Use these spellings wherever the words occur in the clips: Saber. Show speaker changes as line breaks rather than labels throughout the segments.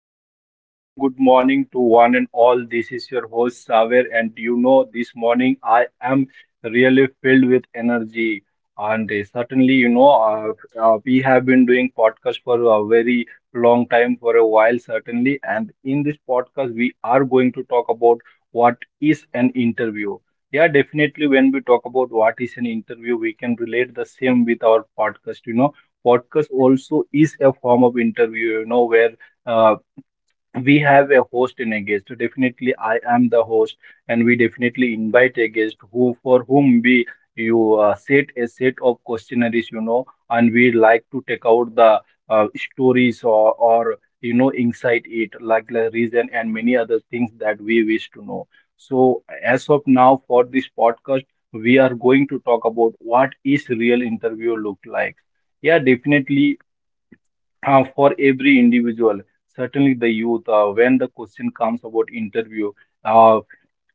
viewers. A very good morning to one and all. This is your host, Saver, and this morning I am really filled with energy. And certainly, we have been doing podcast for a very long time, for a while, certainly. And in this podcast, we are going to talk about what is an interview. Yeah, definitely, when we talk about what is an interview, we can relate the same with our podcast, podcast also is a form of interview, where uh, we have a host and a guest. So, definitely I am the host, and we definitely invite a guest who, for whom we you set a set of questionnaires, and we like to take out the stories or, inside it, like the reason and many other things that we wish to know. So as of now, for this podcast, we are going to talk about what is real interview look like. Yeah, definitely, for every individual, certainly the youth, when the question comes about interview, uh,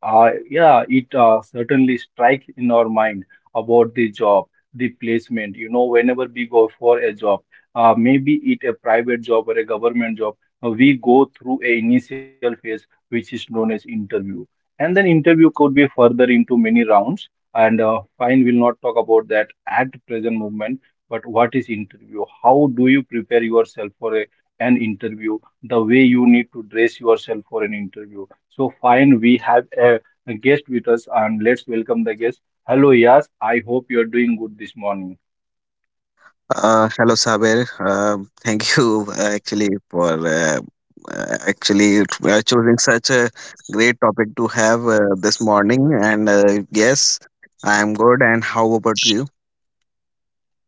yeah, it certainly strike in our mind about the job, the placement. You know, whenever we go for a job, maybe it a private job or a government job, we go through a initial phase which is known as interview. And then interview could be further into many rounds. And fine, we'll not talk about that at present moment. But what is interview, how do you prepare yourself for an interview, the way you need to dress yourself for an interview? So fine, we have a guest with us, and let's welcome the guest. Hello, Yas, I hope you're doing good this morning.
Hello, Saber. Thank you actually for actually choosing such a great topic to have this morning. And yes, I am good. And how about you?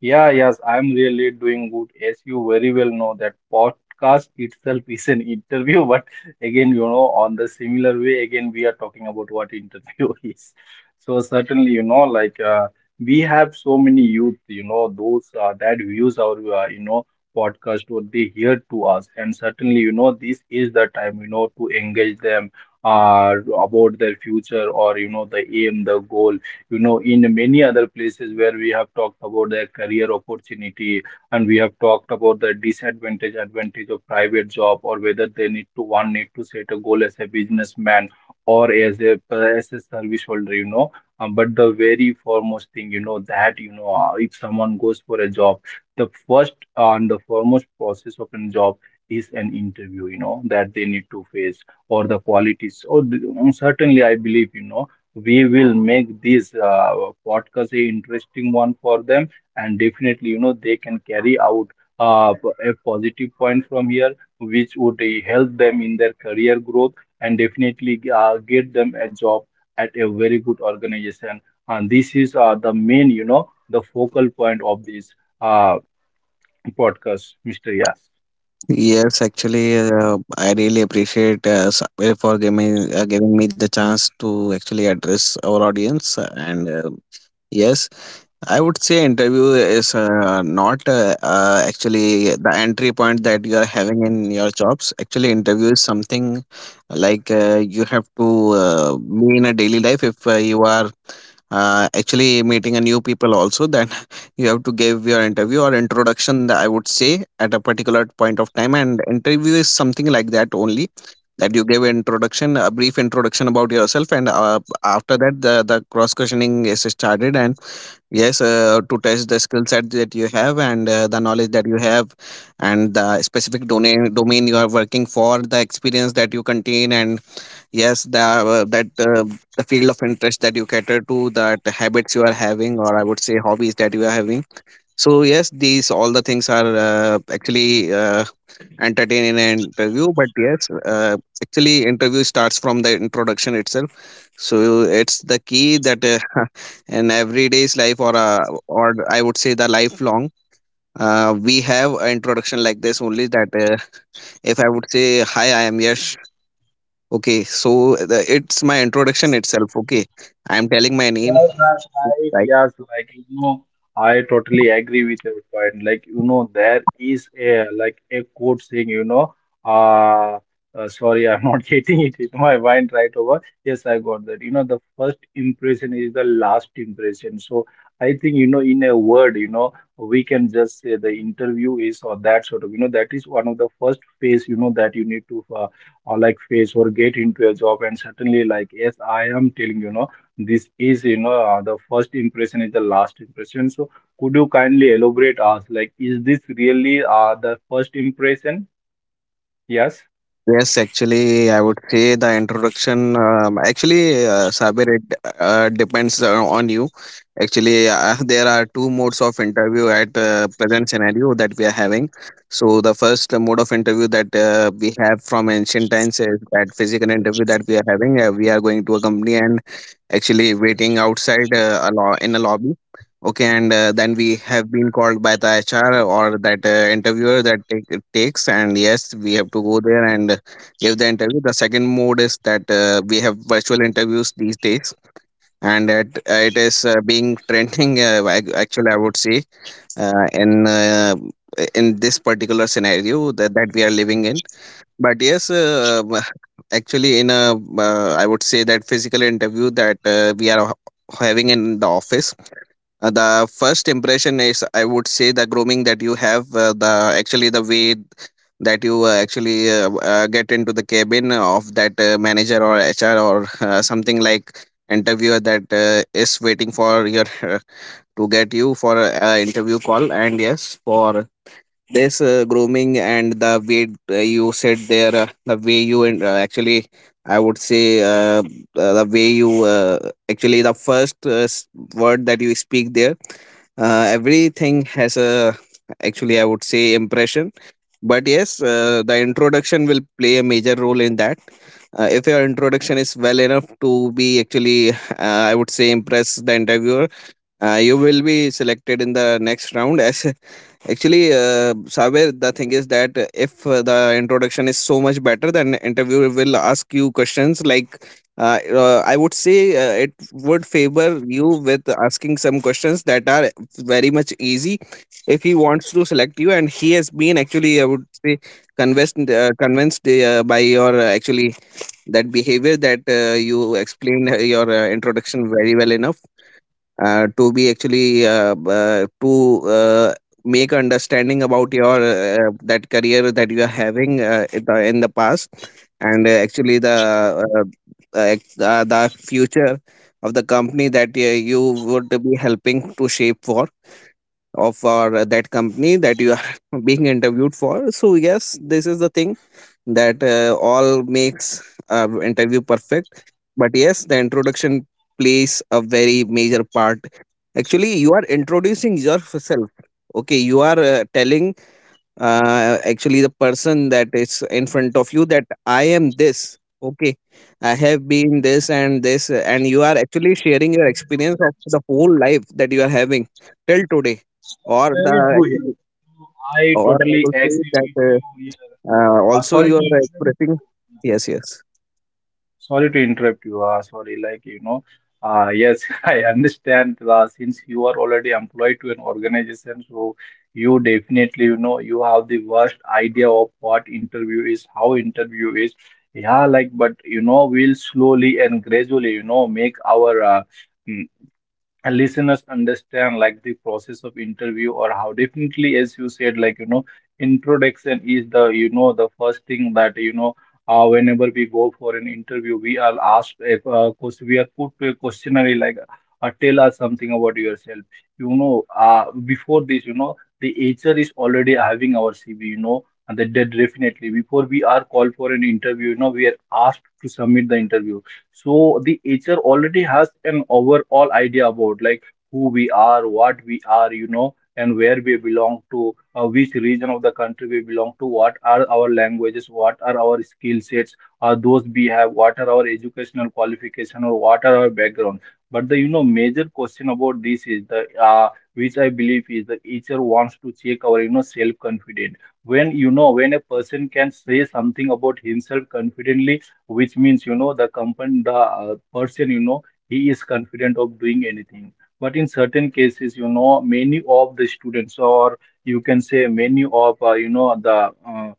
Yeah, yes, I'm really doing good. As you very well know, that podcast itself is an interview, but again, on the similar way, again, we are talking about what interview is. So certainly, we have so many youth, those that views our, podcast, what they hear to us, and certainly, this is the time, to engage them about their future, or you know, the aim, the goal. You know, in many other places where we have talked about the career opportunity, and we have talked about the disadvantage advantage of private job, or whether they need to one need to set a goal as a businessman or as a service holder, you know. But the very foremost thing, you know that you know if someone goes for a job, the first and the foremost process of a job is an interview, you know, that they need to face, or the qualities or the, certainly I believe, we will make this podcast a interesting one for them. And definitely, they can carry out uh, a positive point from here, which would help them in their career growth, and definitely get them a job at a very good organization. And this is the main, the focal point of this uh, podcast, Mr. Yas.
Yes, actually, I really appreciate Saber for giving me the chance to actually address our audience. And yes, I would say interview is not actually the entry point that you are having in your jobs. Actually, interview is something like you have to be in a daily life. If you are actually meeting a new people also, then you have to give your interview or introduction. I would say at a particular point of time, and interview is something like that only. That you give introduction, a brief introduction about yourself, and after that the cross questioning is started. And yes, to test the skill set that you have and the knowledge that you have, and the specific domain you are working for, the experience that you contain, and yes, the field of interest that you cater to, that habits you are having, or I would say hobbies that you are having. So yes, these all the things are actually entertained in an interview. But yes, actually interview starts from the introduction itself, so it's the key that in everyday's life, or I would say the lifelong, we have an introduction like this only. That if I would say, "Hi, I am Yash." Okay, so it's my introduction itself. Okay, I am telling my
Well,
name.
right, right. Yes, like I totally agree with your point. Like there is a like a quote saying, uh, sorry, I'm not getting it in my mind right over. Yes, I got that. The first impression is the last impression. So I think, in a word, we can just say the interview is, or that sort of, that is one of the first phase, that you need to like face or get into a job. And certainly, like yes, I am telling, this is, the first impression is the last impression. So could you kindly elaborate us, like is this really the first impression? Yes.
Yes, actually, I would say the introduction. Actually, Sabir, it depends on you. Actually, there are two modes of interview at present scenario that we are having. So, the first mode of interview that we have from ancient times is that physical interview that we are having. We are going to a company and actually waiting outside in a lobby, okay, and then we have been called by the HR or that interviewer that it takes, and yes we have to go there and give the interview. The second mode is that we have virtual interviews these days, and that it is being trending actually I would say in in this particular scenario that we are living in. But yes, actually, in a I would say that physical interview that we are having in the office, the first impression is, I would say, the grooming that you have, the actually the way that you actually get into the cabin of that manager or HR or something like interviewer that is waiting for your to get you for a interview call. And yes, for this grooming and the way you said there, the way you and actually I would say uh, the way you uh, actually the first word that you speak there, everything has a, actually I would say, impression. But yes, the introduction will play a major role in that. If your introduction is well enough to be actually I would say impress the interviewer, you will be selected in the next round as Actually, Sabir, the thing is that if the introduction is so much better, then interviewer will ask you questions like, I would say it would favor you with asking some questions that are very much easy if he wants to select you. And he has been actually, I would say, convinced by your actually that behavior that you explained your introduction very well enough to be actually to uh, make understanding about your that career that you are having in the past, and actually uh, the future of the company that you would be helping to shape for of for that company that you are being interviewed for. So yes, this is the thing that all makes interview perfect, but yes, the introduction plays a very major part. Actually, you are introducing yourself. Okay, you are telling actually the person that is in front of you that I am this. Okay, I have been this and this. And you are actually sharing your
Yes,
experience of the whole life that you are having till today.
yes,
Or
very true here.
the,
I
or I
totally
will say
agree
that
with you here.
also
Sorry
you
to
are
interrupt.
expressing. Yes, yes.
Sorry to interrupt you. Sorry, like, yes, I understand. Since you are already employed to an organization, so you definitely, you have the worst idea of what interview is, how interview is. Yeah, like, but, we'll slowly and gradually, make our mm, and listeners understand like the process of interview, or how definitely as you said, like introduction is the, the first thing that whenever we go for an interview, we are asked a question, we are put to a questionnaire like tell us something about yourself. you know uh, Before this, the HR is already having our CV, and that definitely before we are called for an interview, we are asked to submit the interview. So the HR already has an overall idea about, like, who we are, what we are, and where we belong to, which region of the country we belong to, what are our languages, what are our skill sets, are those we have, what are our educational qualification, or what are our background. But the, major question about this is the which I believe is the HR wants to check our, self confidence. When, when a person can say something about himself confidently, which means, the company, the person, he is confident of doing anything. But in certain cases, many of the students, or you can say many of, you know the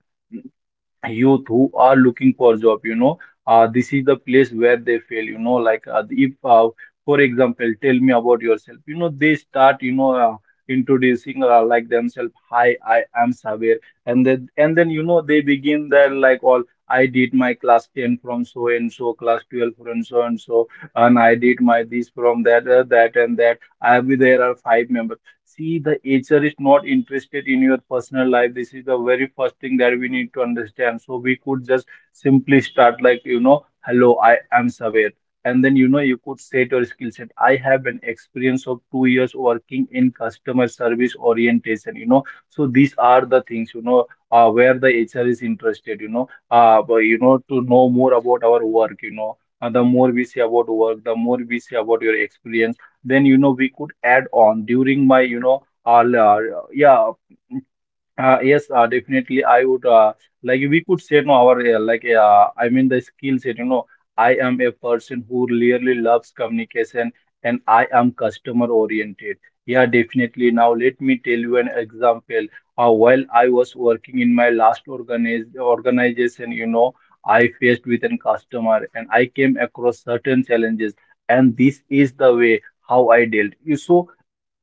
youth who are looking for job, this is the place where they fail, you know, like if for example, tell me about yourself, they start, introducing like themselves, hi I am Sabir. And then they begin their like all, I did my class 10 from so and so, class 12 from so and so, and I did my this from that, that and that, I have there are five members. See, the HR is not interested in your personal life. This is the very first thing that we need to understand. So we could just simply start like, hello, I am Saber. And then, you could set your skill set. I have an experience of 2 years working in customer service orientation, So these are the things, where the HR is interested, to know more about our work, And the more we say about work, the more we say about your experience, then we could add on, during my you know all yeah, yes, definitely. I would like we could say no, our I mean the skill set. I am a person who really loves communication and I am customer oriented. Yeah, definitely. Now let me tell you an example. While I was working in my last organization, I faced with an customer and I came across certain challenges, and this is the way how I dealt. You so.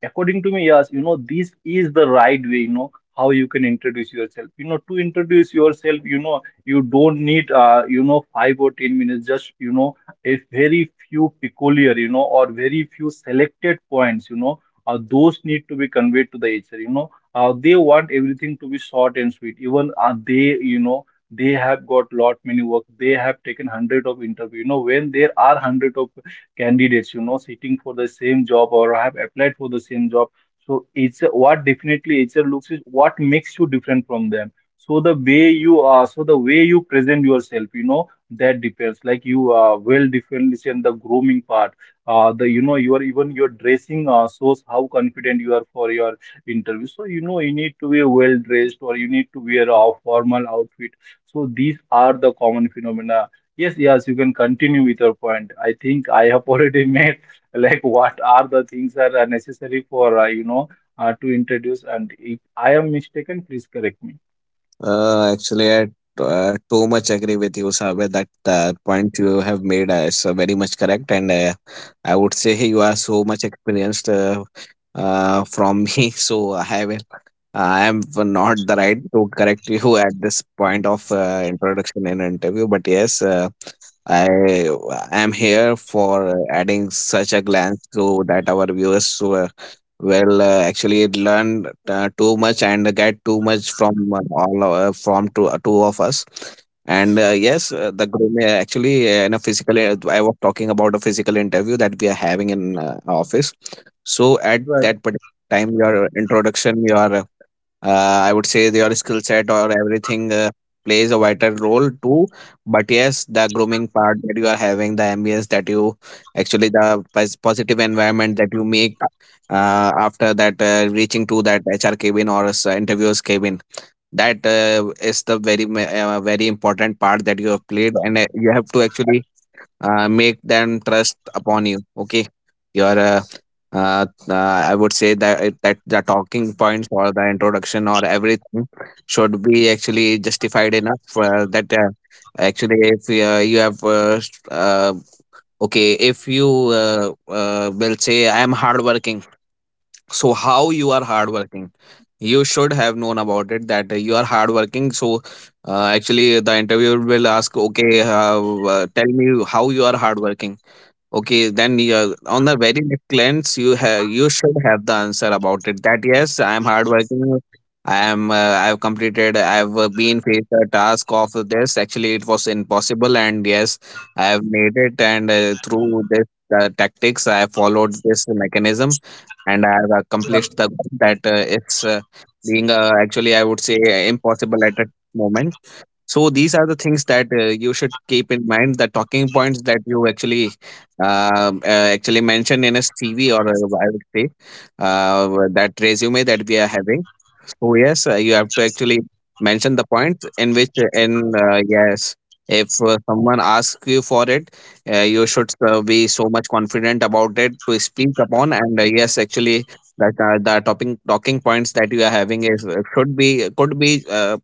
According to me, yes, this is the right way, how you can introduce yourself. To introduce yourself, you don't need, 5 or 10 minutes, just, a very few peculiar, or very few selected points, those need to be conveyed to the HR, they want everything to be short and sweet. Even they, they have got lot many work. They have taken hundred of interview. When there are hundred of candidates, sitting for the same job or have applied for the same job. So it's what definitely HR looks is what makes you different from them. So the way you are, so the way you present yourself, that depends. Like you are well differentiate the grooming part. The You know, you are even your dressing shows how confident you are for your interview. So you need to be well dressed, or you need to wear a formal outfit. So these are the common phenomena. Yes, yes, you can continue with your point. I think I have already made like what are the things that are necessary for to introduce. And if I am mistaken, please correct me.
Actually, I too much agree with you, Sabe. That point you have made is very much correct, and I would say you are so much experienced from me. So I will. I am not the right to correct you at this point of introduction and interview, but yes, I am here for adding such a glance so that our viewers so, well, actually, it learned too much and get too much from all from two of us. And yes, the groom actually in a physical. I was talking about a physical interview that we are having in office. So at that particular time, your introduction, your I would say your skill set or everything plays a vital role too. But yes, the grooming part that you are having, the ambience that you actually, the positive environment that you make after that reaching to that HR cabin or interviewers cabin, that is the very important part that you have played, and you have to actually make them trust upon you, okay. Your uh, I would say that the talking points or the introduction or everything should be actually justified enough that actually, if you have okay, if you uh, will say I am hardworking, so how you are hardworking. You should have known about it, that you are hardworking. So actually, the interviewer will ask, okay, tell me how you are hardworking. Okay, then on the very next glance, you should have the answer about it. That yes, I am hardworking. I am. I have completed. I have been faced a task of this. Actually, it was impossible, and yes, I have made it. And through this tactics, I have followed this mechanism, and I have
Right.
accomplished the goal that it's being actually, I would say, impossible at a moment. So these are the things that you should keep in mind. The talking points that you actually actually mention in a CV, or I would say that resume that we are having. So yes, you have to actually mention the points in which in yes, if someone asks you for it, you should be so much confident about it to speak upon. And yes, actually. That the topping talking points that you are having is should be could be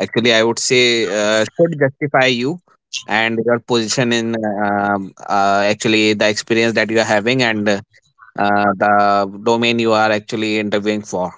actually I would say should justify you and your position in actually the experience that you are having and the domain you are actually interviewing for.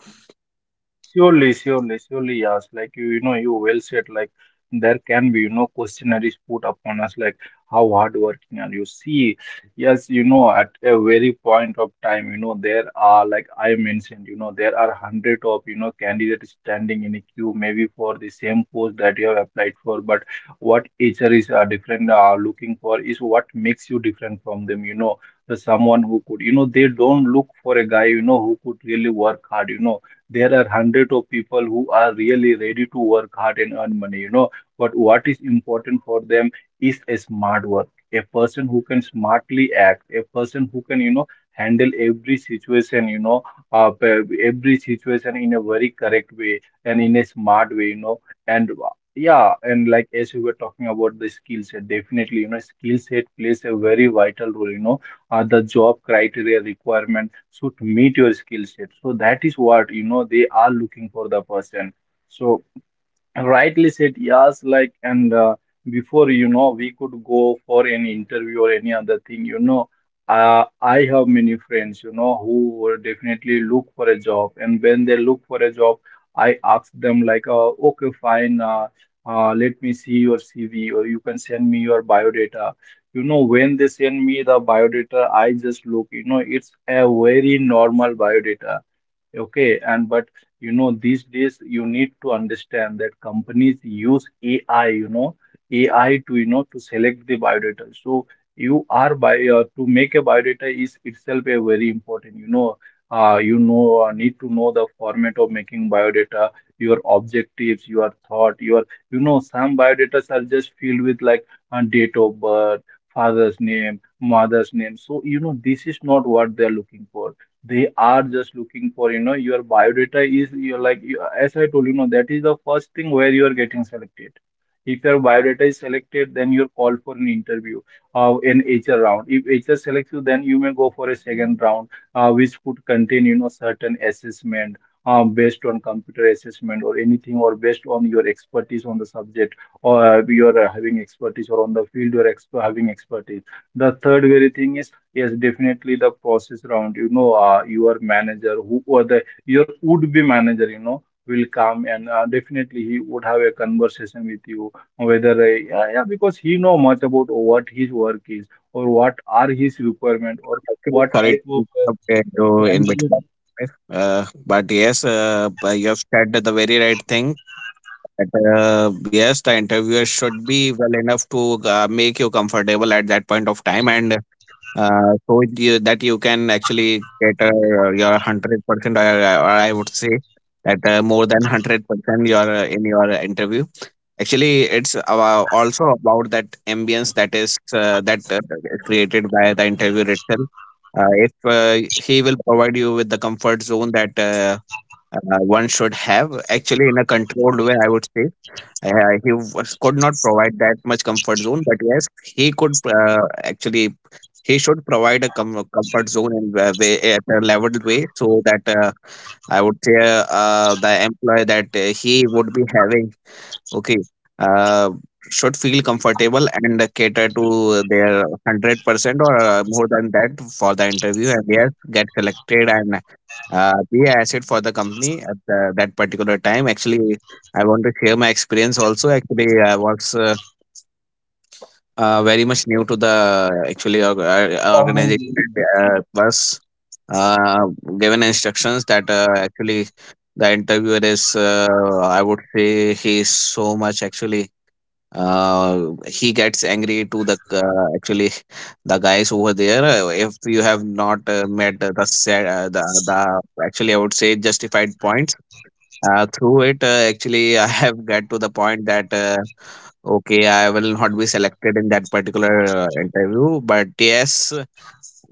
Surely, surely, surely, yes. Like you, you well said. Like there can be, questionnaires put upon us, like how hardworking are you? See, yes, you know, at a very point of time, you know, there are, like I mentioned, you know, there are hundred of, you know, candidates standing in a queue, maybe for the same post that you have applied for. But what HR is different looking for is what makes you different from them. You know, the someone who could, you know, they don't look for a guy, you know, who could really work hard. You know, there are hundreds of people who are really ready to work hard and earn money, you know. But what is important for them is a smart work, a person who can smartly act, a person who can, you know, handle every situation, you know, every situation in a very correct way and in a smart way, you know. And uh, yeah, and like as we were talking about the skill set, definitely, you know, skill set plays a very vital role, you know. The job criteria requirement should meet your skill set, so that is what, you know, they are looking for the person. So rightly said, yes, like and before, you know, we could go for any interview or any other thing, you know, I have many friends, you know, who will definitely look for a job, and when they look for a job, I ask them, like, okay, fine, let me see your CV, or you can send me your biodata. You know, when they send me the biodata, I just look, you know, it's a very normal biodata. Okay, and but you know, these days you need to understand that companies use AI, you know, AI to, you know, to select the biodata. So you are by to make a biodata is itself a very important, need to know the format of making biodata, your objectives, your thought, your, you know, some biodatas are just filled with like date of birth, father's name, mother's name. So, you know, this is not what they're looking for. They are just looking for, you know, your biodata is, you're like you, as I told, you know, that is the first thing where you are getting selected. If your biodata is selected, then you're called for an interview, an HR round. If HR selects you, then you may go for a second round, which could contain, you know, certain assessment, based on computer assessment or anything, or based on your expertise on the subject, or you are having expertise, or on the field you're having expertise. The third very thing is, yes, definitely the process round. You know, your manager, who, or the your would be manager, you know, will come, and definitely he would have a conversation with you, whether because he know much about what his work is, or what are his requirement, or
Actually,
what
sorry
type
to
of
interrupt you
can
in
be the
between. But yes, but you have said the very right thing, that yes, the interviewer should be well enough to make you comfortable at that point of time, and so that you can actually get your 100%, or I would say that more than 100% your in your interview. Actually, it's about, also about that ambience that is created by the interviewer itself. If he will provide you with the comfort zone that one should have, actually in a controlled way, I would say he was, could not provide that much comfort zone, but yes, he could actually he should provide a comfort zone in a way, at a leveled way so that I would say the employee that he would be having okay uh, should feel comfortable and cater to their 100% or more than that for the interview and yes get selected and be an asset for the company at that particular time. Actually, I want to share my experience also. Actually, I was very much new to the actually
problem.
organization. Was uh, given instructions that actually the interviewer is I would say he is so much actually he gets angry to the actually the guys over there if you have not met set, the actually I would say justified points through it actually I have got to the point that okay, I will not be selected in that particular interview, but yes,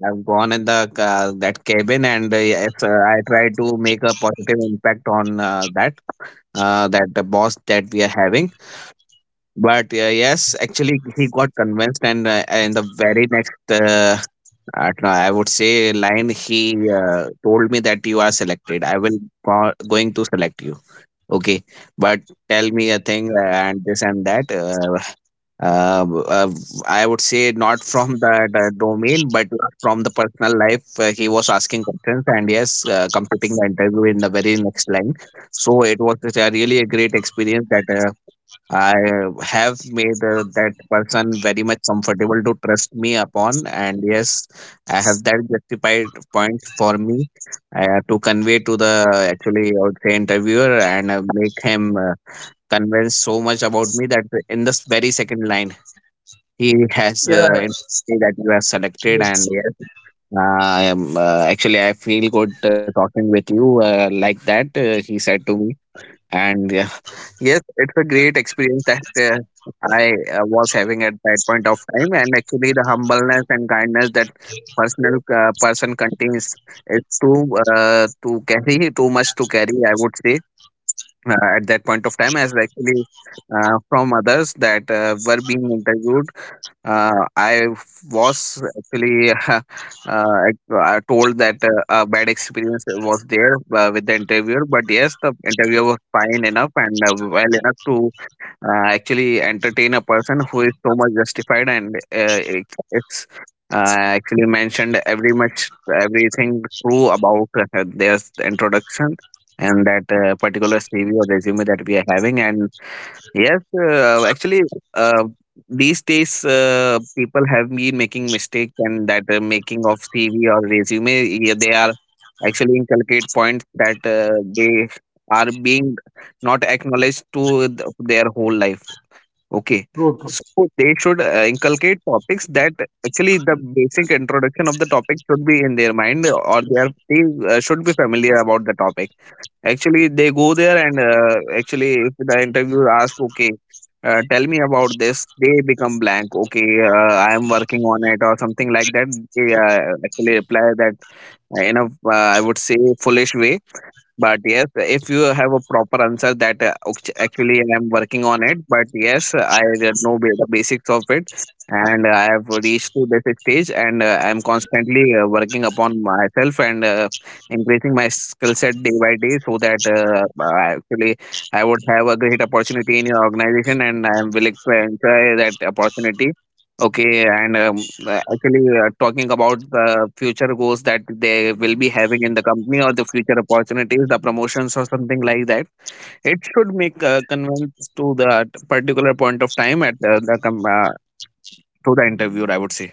I've gone in the that cabin and I try to make a positive impact on that the boss that we are having. But yes, actually, he got convinced, and in the very next, I don't know, I would say line, he told me that you are selected. I will going to select you. Okay, but tell me a thing and this and that. Uh, uh, I would say not from the domain, but from the personal life. He was asking questions, and yes, completing the interview in the very next line. So it was a really a great experience that. I have made that person very much comfortable to trust me upon, and yes, I have that justified point for me to convey to the actually I would say interviewer and make him convinced so much about me that in this very second line he has
Yeah,
informed me that you are selected,
yes,
and yes, I am actually I feel good talking with you like that. He said to me, and yes, it's a great experience that I was having at that point of time, and actually the humbleness and kindness that personal person contains is too to carry too much to carry. I would say at that point of time, as actually from others that were being interviewed, I was actually told that a bad experience was there with the interviewer, but yes, the interviewer was fine enough and well enough to actually entertain a person who is so much justified and it's actually mentioned every much everything true about their introduction and that particular CV or resume that we are having. And yes, actually, uh, these days people have been making mistakes and that making of CV or resume, yeah, they are actually inculcate points that they are being not acknowledged to their whole life. Okay.
true,
So
true.
they should inculcate topics that actually the basic introduction of the topic should be in their mind, or they should be familiar about the topic. Actually, they go there and actually if the interviewer asks, okay, tell me about this, they become blank. Okay, I am working on it or something like that. They actually reply that in a I would say, foolish way. But yes, if you have a proper answer that actually, I'm working on it, but yes, I know the basics of it and I have reached to this stage and I'm constantly working upon myself and increasing my skill set day by day so that I actually I would have a great opportunity in your organization and I'm willing to enjoy that opportunity. Okay, and talking about the future goals that they will be having in the company or the future opportunities, the promotions or something like that, it should make convince to the particular point of time at to the interviewer. I would say.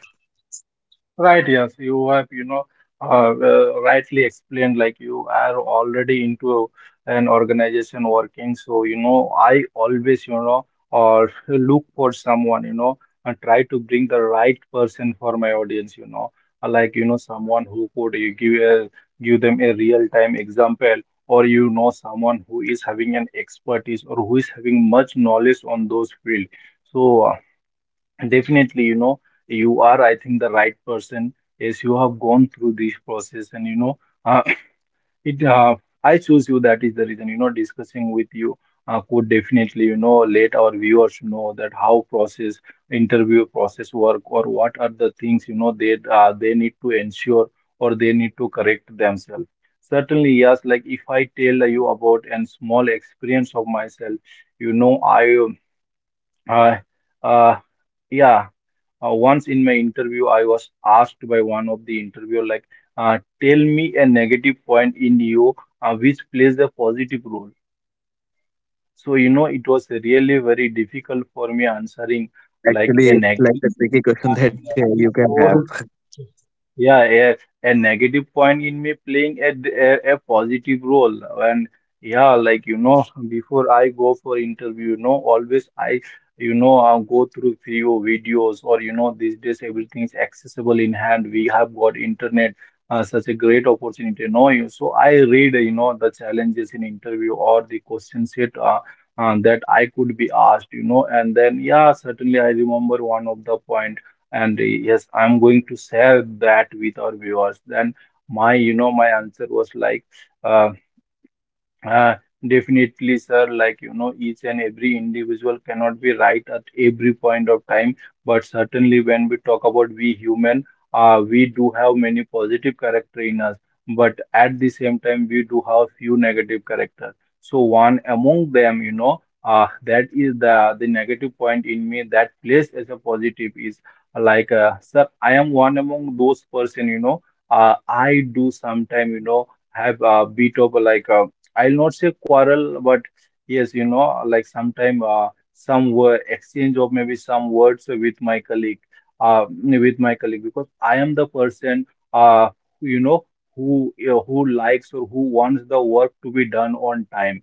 Right, yes, you have, you know, rightly explained, like you are already into an organization working. So, you know, I always, you know, or look for someone, you know, and try to bring the right person for my audience, you know. Like, you know, someone who could you give a, give them a real-time example, or you know, someone who is having an expertise or who is having much knowledge on those field. So, definitely, you know, you are, I think, the right person, as you have gone through this process, and you know, uh, it. I choose you. That is the reason. You know, discussing with you could definitely, you know, let our viewers know that how process interview process work, or what are the things, you know, they need to ensure, or they need to correct themselves. Certainly, yes. Like if I tell you about a small experience of myself, you know, I. Uh, uh, yeah Once in my interview, I was asked by one of the interviewer, like, tell me a negative point in you which plays a positive role. So, you know, it was really very difficult for me answering like
Actually,
a
it's like
negative
a tricky question that you can
uh,
have.
yeah, a negative point in me playing a, a positive role. And yeah, like, you know, before I go for interview, you know, always I, you know, I go through few videos, or, you know, these days everything is accessible in hand. We have got internet, such a great opportunity, you know. So I read, you know, the challenges in interview or the question set that I could be asked, you know. And then, yeah, certainly I remember one of the point, and yes, I'm going to share that with our viewers. Then my, you know, my answer was like, uh, uh, definitely, sir. Like, you know, each and every individual cannot be right at every point of time, but certainly when we talk about we human, we do have many positive character in us, but at the same time, we do have few negative characters. So one among them, you know, that is the negative point in me that plays as a positive is like, sir, I am one among those person, you know, I do sometime, you know, have a bit of a, like a I'll not say quarrel, but yes, you know, like sometime some word exchange of maybe some words with my colleague, because I am the person, uh, you know, who who likes or who wants the work to be done on time,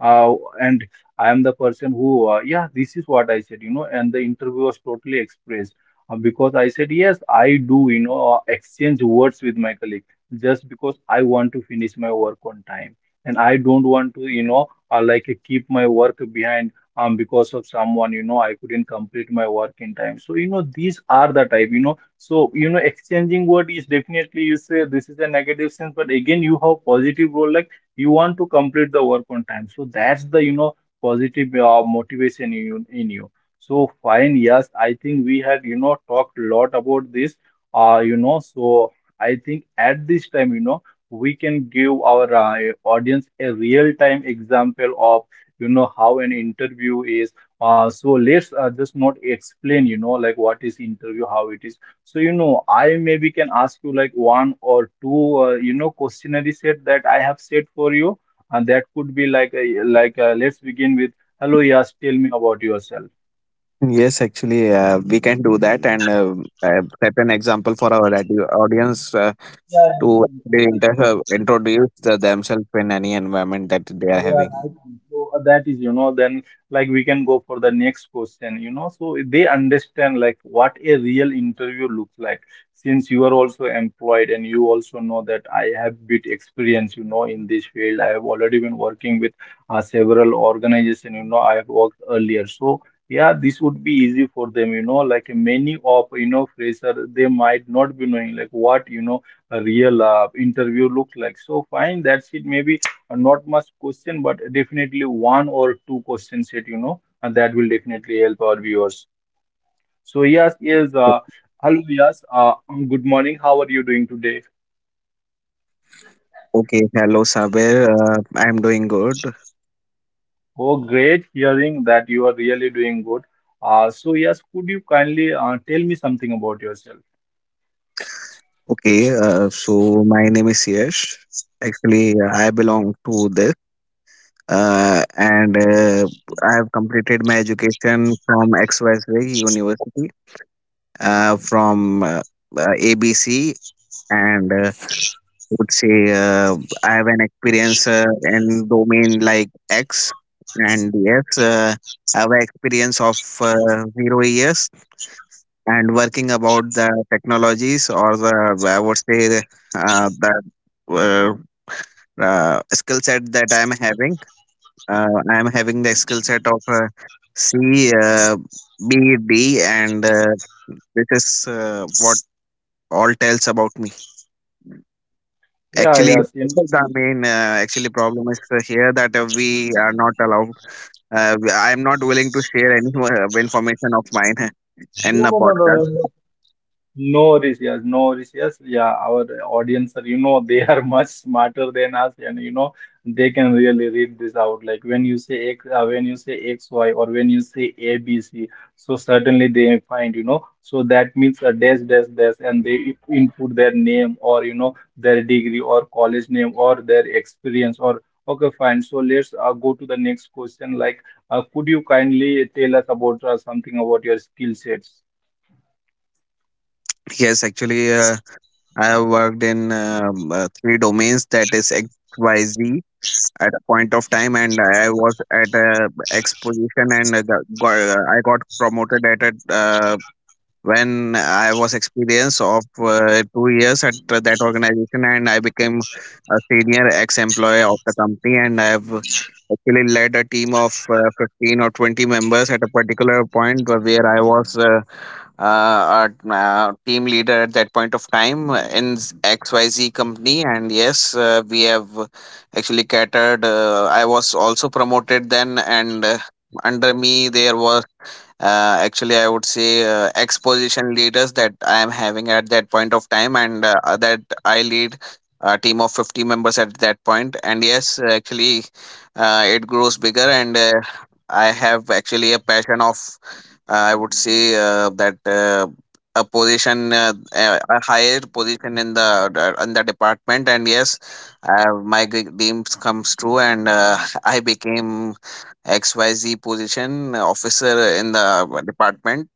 uh, and I am the person who, yeah, this is what I said, you know, and the interview was totally expressed because I said, yes, I do, you know, exchange words with my colleague just because I want to finish my work on time. And I don't want to, you know, keep my work behind because of someone, you know, I couldn't complete my work in time. So, you know, these are the type, you know, so, you know, exchanging word is definitely, you say this is a negative sense, but again, you have positive role, like you want to complete the work on time, so that's the, you know, positive motivation in you, in you. So fine, yes, I think we had, you know, talked a lot about this. You know, so I think at this time, you know, we can give our audience a real time example of, you know, how an interview is. So let's just not explain, you know, like what is interview, how it is. So, you know, I maybe can ask you like one or two, you know, questionnaire set that I have set for you, and that could be like, a, like, let's begin with, hello, yes, tell me about yourself.
Yes, actually, we can do that and set an example for our audience
Yeah,
to actually introduce themselves in any environment that they are
yeah,
having.
right. So that is, you know, then like we can go for the next question, you know. So they understand like what a real interview looks like. Since you are also employed and you also know that I have bit experience, you know, in this field. I have already been working with several organizations, you know, I have worked earlier. So yeah, this would be easy for them, you know, like many of, you know, fresher, they might not be knowing like what, you know, a real interview looks like. So fine, that's it. Maybe not much question, but definitely one or two question set, you know, and that will definitely help our viewers. So yes, yes, hello, yes, good morning. How are you doing today?
Okay, hello Saber. I'm doing good.
Oh, great hearing that you are really doing good. So yes, could you kindly tell me something about yourself?
Okay, so my name is Yash. Actually, I belong to this, and I have completed my education from XYZ University, from ABC, and would say I have an experience in domain like X and DS. I have an experience of 0 years and working about the technologies or the I would say the, that uh, skill set that I'm having. I'm having the skill set of C, B, D, and this is what all tells about me.
Yeah,
Actually,
yes, you know.
this is the main actually problem is here that we are not allowed. I am not willing to share any information of mine in
No,
the
no, no, no, no,
podcast.
no. No Rishiyas, no Rishiyas. Yeah, our audience are, you know, they are much smarter than us, and you know, they can really read this out. Like when you say X, when you say X, Y, or when you say A, B, C, so certainly they find, you know, so that means a dash, dash, dash, and they input their name, or you know, their degree or college name or their experience. Or okay, fine. So let's go to the next question. Like, could you kindly tell us about something about your skill sets?
Yes, actually, I have worked in three domains that is XYZ at a point of time, and I was at a X position, and I got promoted at a when I was experience of 2 years at that organization, and I became a senior ex-employee of the company, and I have actually led a team of 15 or 20 members at a particular point where I was team leader at that point of time in XYZ company, and yes, we have actually catered. I was also promoted then, and under me there was actually I would say exposition leaders that I am having at that point of time, and that I lead a team of 50 members at that point. And yes, actually, it grows bigger and I have actually a passion of I would say that a position, a higher position in the department, and yes, my dreams comes true, and I became XYZ position officer in the department,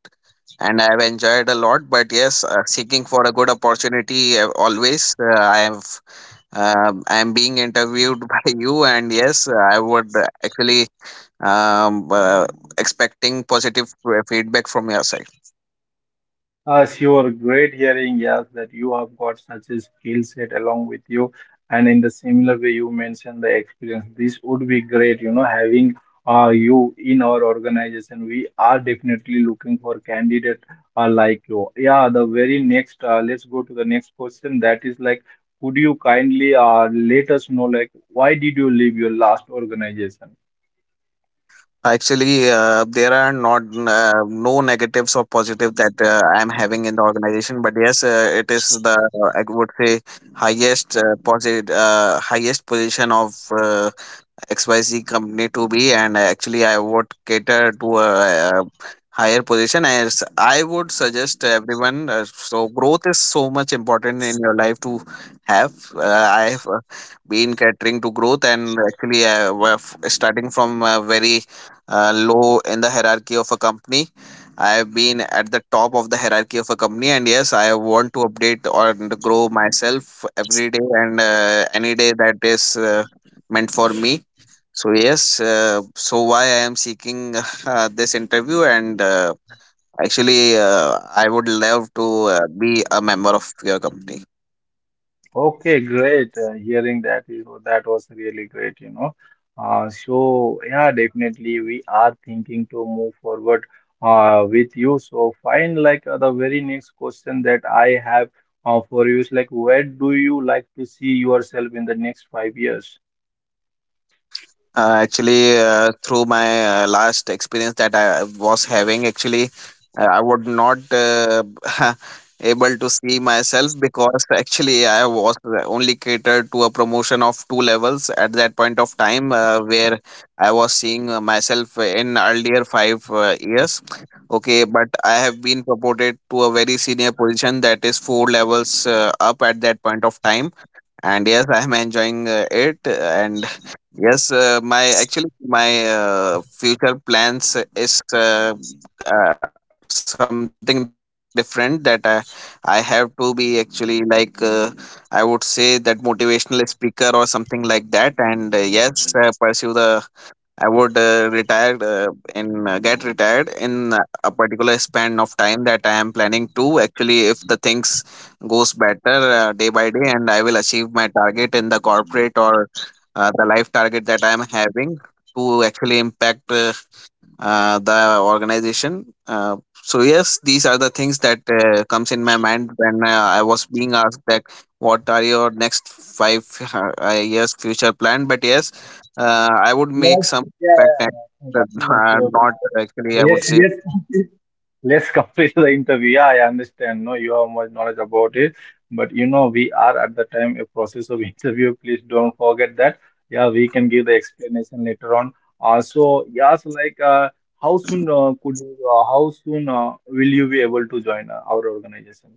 and I've enjoyed a lot. But yes, seeking for a good opportunity always. I have. I am being interviewed by you, and yes, I would actually um, uh, expecting positive feedback from your side.
Sure, great hearing, yes, that you have got such a skill set along with you. And in the similar way, you mentioned the experience. This would be great, you know, having you in our organization. We are definitely looking for candidate like you. Yeah, the very next, let's go to the next question. That is like, could you kindly let us know, like, why did you leave your last organization?
Actually, there are not no negatives or positive that I am having in the organization, but yes, it is the I would say highest positive highest position of XYZ company to be, and actually, I would cater to uh, higher position. As I would suggest everyone, so growth is so much important in your life to have. I have been catering to growth, and actually, I was starting from very low in the hierarchy of a company. I have been at the top of the hierarchy of a company, and yes, I want to update or grow myself every day and any day that is meant for me. So yes, so why I am seeking this interview, and actually, I would love to be a member of your company.
Okay, great. Hearing that is that was really great, you know. So yeah, definitely we are thinking to move forward with you. So fine, like the very next question that I have for you is like, where do you like to see yourself in the next 5 years?
Actually, through my last experience that I was having, actually, I would not able to see myself because actually I was only catered to a promotion of two levels at that point of time, where I was seeing myself in earlier five years. Okay, but I have been promoted to a very senior position that is four levels up at that point of time, and yes, I am enjoying it, and yes, my future plans is something different, that I have to be actually like I would say that motivational speaker or something like that, and yes, pursue the I would retire in get retired in a particular span of time that I am planning to. Actually, if the things goes better day by day, and I will achieve my target in the corporate or the life target that I am having to actually impact the organization. So yes, these are the things that comes in my mind when I was being asked that what are your next five years future plan. But yes, I would make
Yes, us,
some impact
yeah, thank
and
you. So,
not actually I would
yes,
say.
yes. Let's complete the interview. Yeah, I understand. No, you have much knowledge about it. But you know, we are at the time a process of interview. Please don't forget that. Yeah, we can give the explanation later on. So yes, like how soon could you, how soon will you be able to join our organization?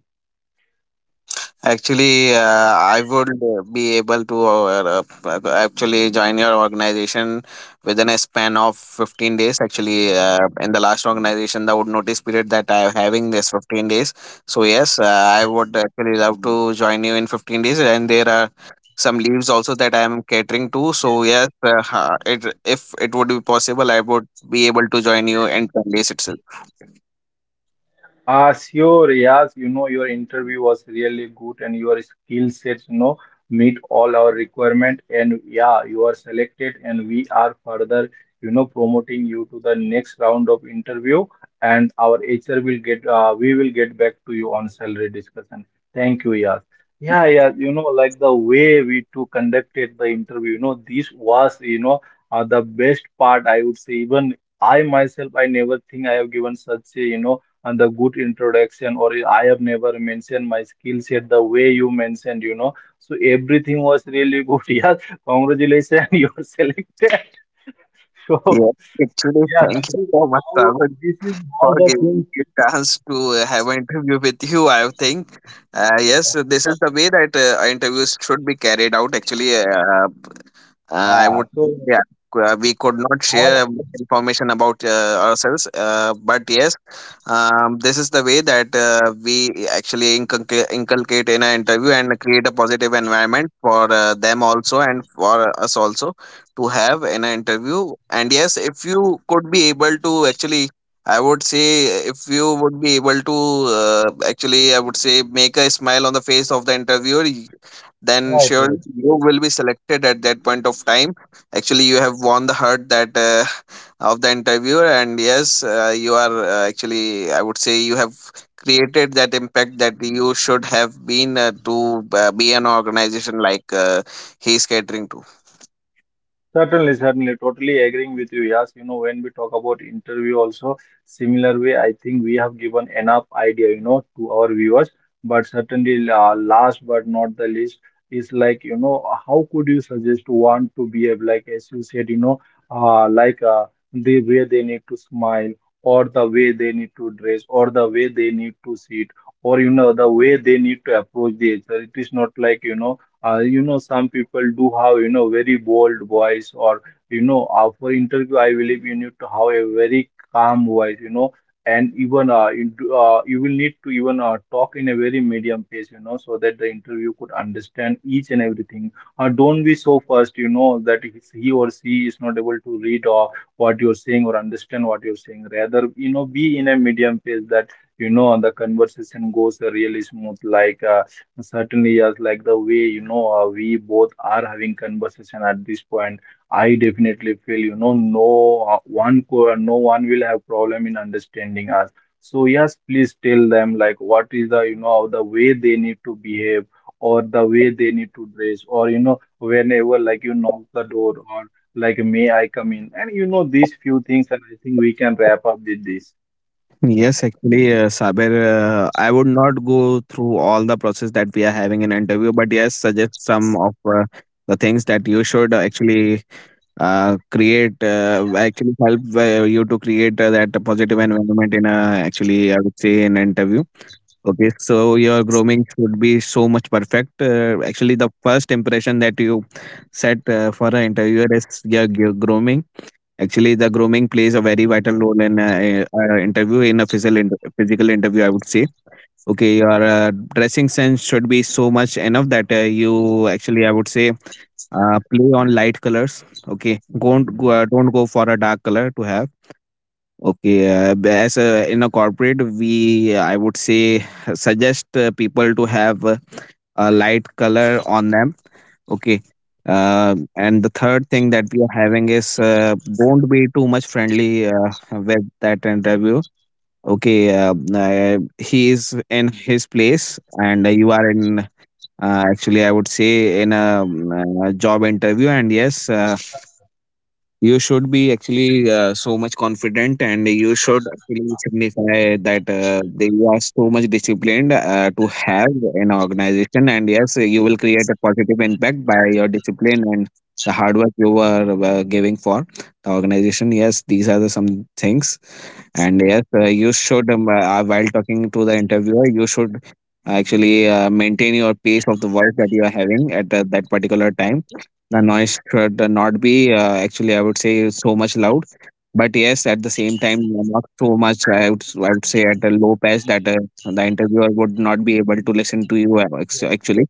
Actually, I would be able to actually join your organization within a span of 15 days. Actually, in the last organization, the would notice period that I am having is 15 days. So, yes, I would actually love to join you in 15 days. And there are some leaves also that I am catering to. So, yes, if it would be possible, I would be able to join you in 10 days itself.
Ah, sure, yes. You know, your interview was really good and your skill sets, you know, meet all our requirement, and yeah, you are selected and we are further, you know, promoting you to the next round of interview, and our HR will get, we will get back to you on salary discussion. Thank you, yes. Yeah, yeah, you know, like the way we two conducted the interview, you know, this was, you know, the best part, I would say. Even I myself, I never think I have given such a, you know, and the good introduction, or I have never mentioned my skill set the way you mentioned, you know. So everything was really good. Yeah, congratulations. You are selected. So
Yeah, actually,
yeah,
thank
this
you
is
so much, sir,
how, this is how
for
the
giving
things.
me a chance to have an interview with you. I think, yes, this is the way that interviews should be carried out. Actually, I
Yeah,
would,
so
yeah, c- We could not share
how.
much information about ourselves, but yes, this is the way that we actually inculcate in an interview and create a positive environment for them also and for us also to have in an interview. And yes, if you could be able to actually. I would say if you would be able to actually, I would say, make a smile on the face of the interviewer, then
Right,
sure
right.
you will be selected at that point of time. Actually, you have won the heart that of the interviewer, and yes, you are actually, I would say, you have created that impact that you should have been to be an organization like he is catering to.
Certainly, certainly, totally agreeing with you. Yes, you know, when we talk about interview also, similar way, I think we have given enough idea, you know, to our viewers. But certainly, last but not the least, is like, you know, how could you suggest one to behave, like, as you said, you know, like the way they need to smile, or the way they need to dress, or the way they need to sit, or, you know, the way they need to approach the HR. It is not like, you know, you know, some people do have, you know, very bold voice, or you know, for interview I believe you need to have a very calm voice, you know. And even you will need to even talk in a very medium pace, you know, so that the interview could understand each and everything. Don't be so fast, you know, that if he or she is not able to read or what you're saying or understand what you're saying. Rather, you know, be in a medium pace, that you know, the conversation goes really smooth, like certainly, yes, like the way, you know, we both are having conversation at this point. I definitely feel, you know, no no one will have problem in understanding us. So yes, please tell them like what is the, you know, the way they need to behave, or the way they need to dress, or you know, whenever like you knock the door, or like may I come in, and you know, these few things, and I think we can wrap up with this.
Yes, actually, Saber, I would not go through all the process that we are having in interview, but yes, suggest some of the things that you should actually create, actually help you to create that positive environment in a, actually, I would say, in interview. Okay, so your grooming should be so much perfect. Actually, the first impression that you set for an interviewer is your grooming. Actually, the grooming plays a very vital role in an interview, in a physical interview. I would say, okay, your dressing sense should be so much enough that you actually, I would say, play on light colors. Okay, don't go for a dark color to have. Okay, as a, in a corporate, we, I would say, suggest people to have a light color on them. Okay, and the third thing that we are having is don't be too much friendly with that interview. Okay, he is in his place, and you are in. Actually, I would say in a, job interview, and yes, you should be actually so much confident, and you should actually signify that they are so much disciplined to have an organization, and yes, you will create a positive impact by your discipline and the hard work you were giving for the organization. Yes, these are the some things. And yes, you should while talking to the interviewer, you should actually maintain your pace of the voice that you are having at that particular time. The noise should not be, actually, I would say, so much loud. But yes, at the same time, not so much. I would say, at a low pitch that the interviewer would not be able to listen to you. Actually,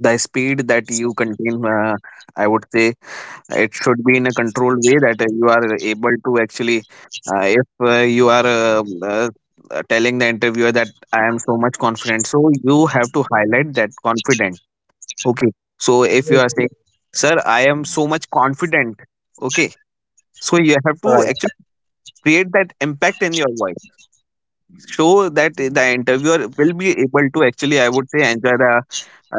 the speed that you contain, I would say, it should be in a controlled way that you are able to actually, if you are telling the interviewer that I am so much confident, so you have to highlight that confident. Okay. So if you are
Right.
saying, sir, I am so much confident. Okay. So you have to
Right.
actually create that impact in your voice, so that the interviewer will be able to actually, I would say, enjoy the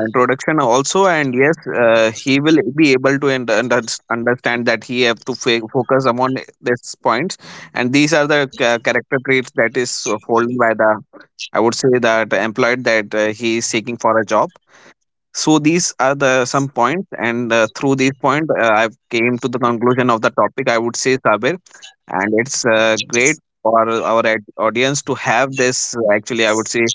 introduction also. And yes, he will be able to understand that he have to focus upon these points. And these are the character traits that is followed by the, I would say, that employed that he is seeking for a job. So these are the some points, and through these points, I've came to the conclusion of the topic, I would say, Sabir, and it's great for our audience to have this. Actually, I would say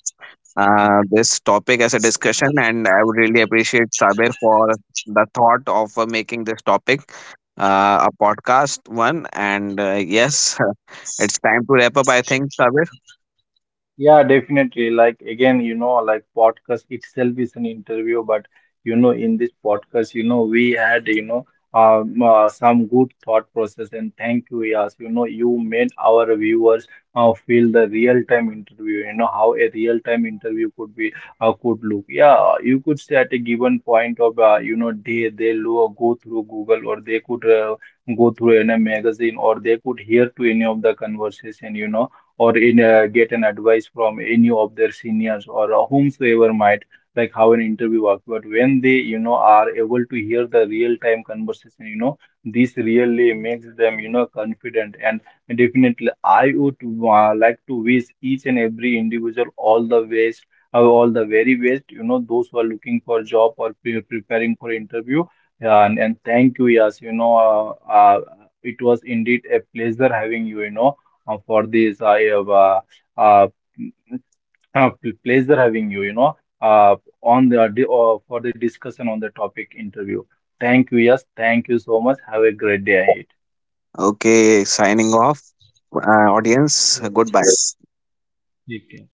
this topic as a discussion, and I would really appreciate Sabir for the thought of making this topic a podcast one. And yes, it's time to wrap up. I think, Sabir.
Yeah, definitely. Like again, you know, like podcast itself is an interview, but you know, in this podcast, you know, we had, you know, some good thought process, and thank you, Yas. You know, you made our viewers feel the real-time interview. You know how a real-time interview could be, could look. Yeah, you could say at a given point of, you know, day they go through Google, or they could go through in a magazine, or they could hear to any of the conversation. You know, or in get an advice from any of their seniors or whomsoever might, like how an interview works. But when they, you know, are able to hear the real time conversation, you know, this really makes them, you know, confident. And definitely I would like to wish each and every individual all the best, all the very best, you know, those who are looking for job or preparing for interview. And thank you, yes, you know, it was indeed a pleasure having you, you know, for this I have uh, pleasure having you, you know, uh, on the for the discussion on the topic interview. Thank you, yes, thank you so much. Have a great day ahead.
Okay, signing off, audience.
Yes.
Goodbye.
Take care.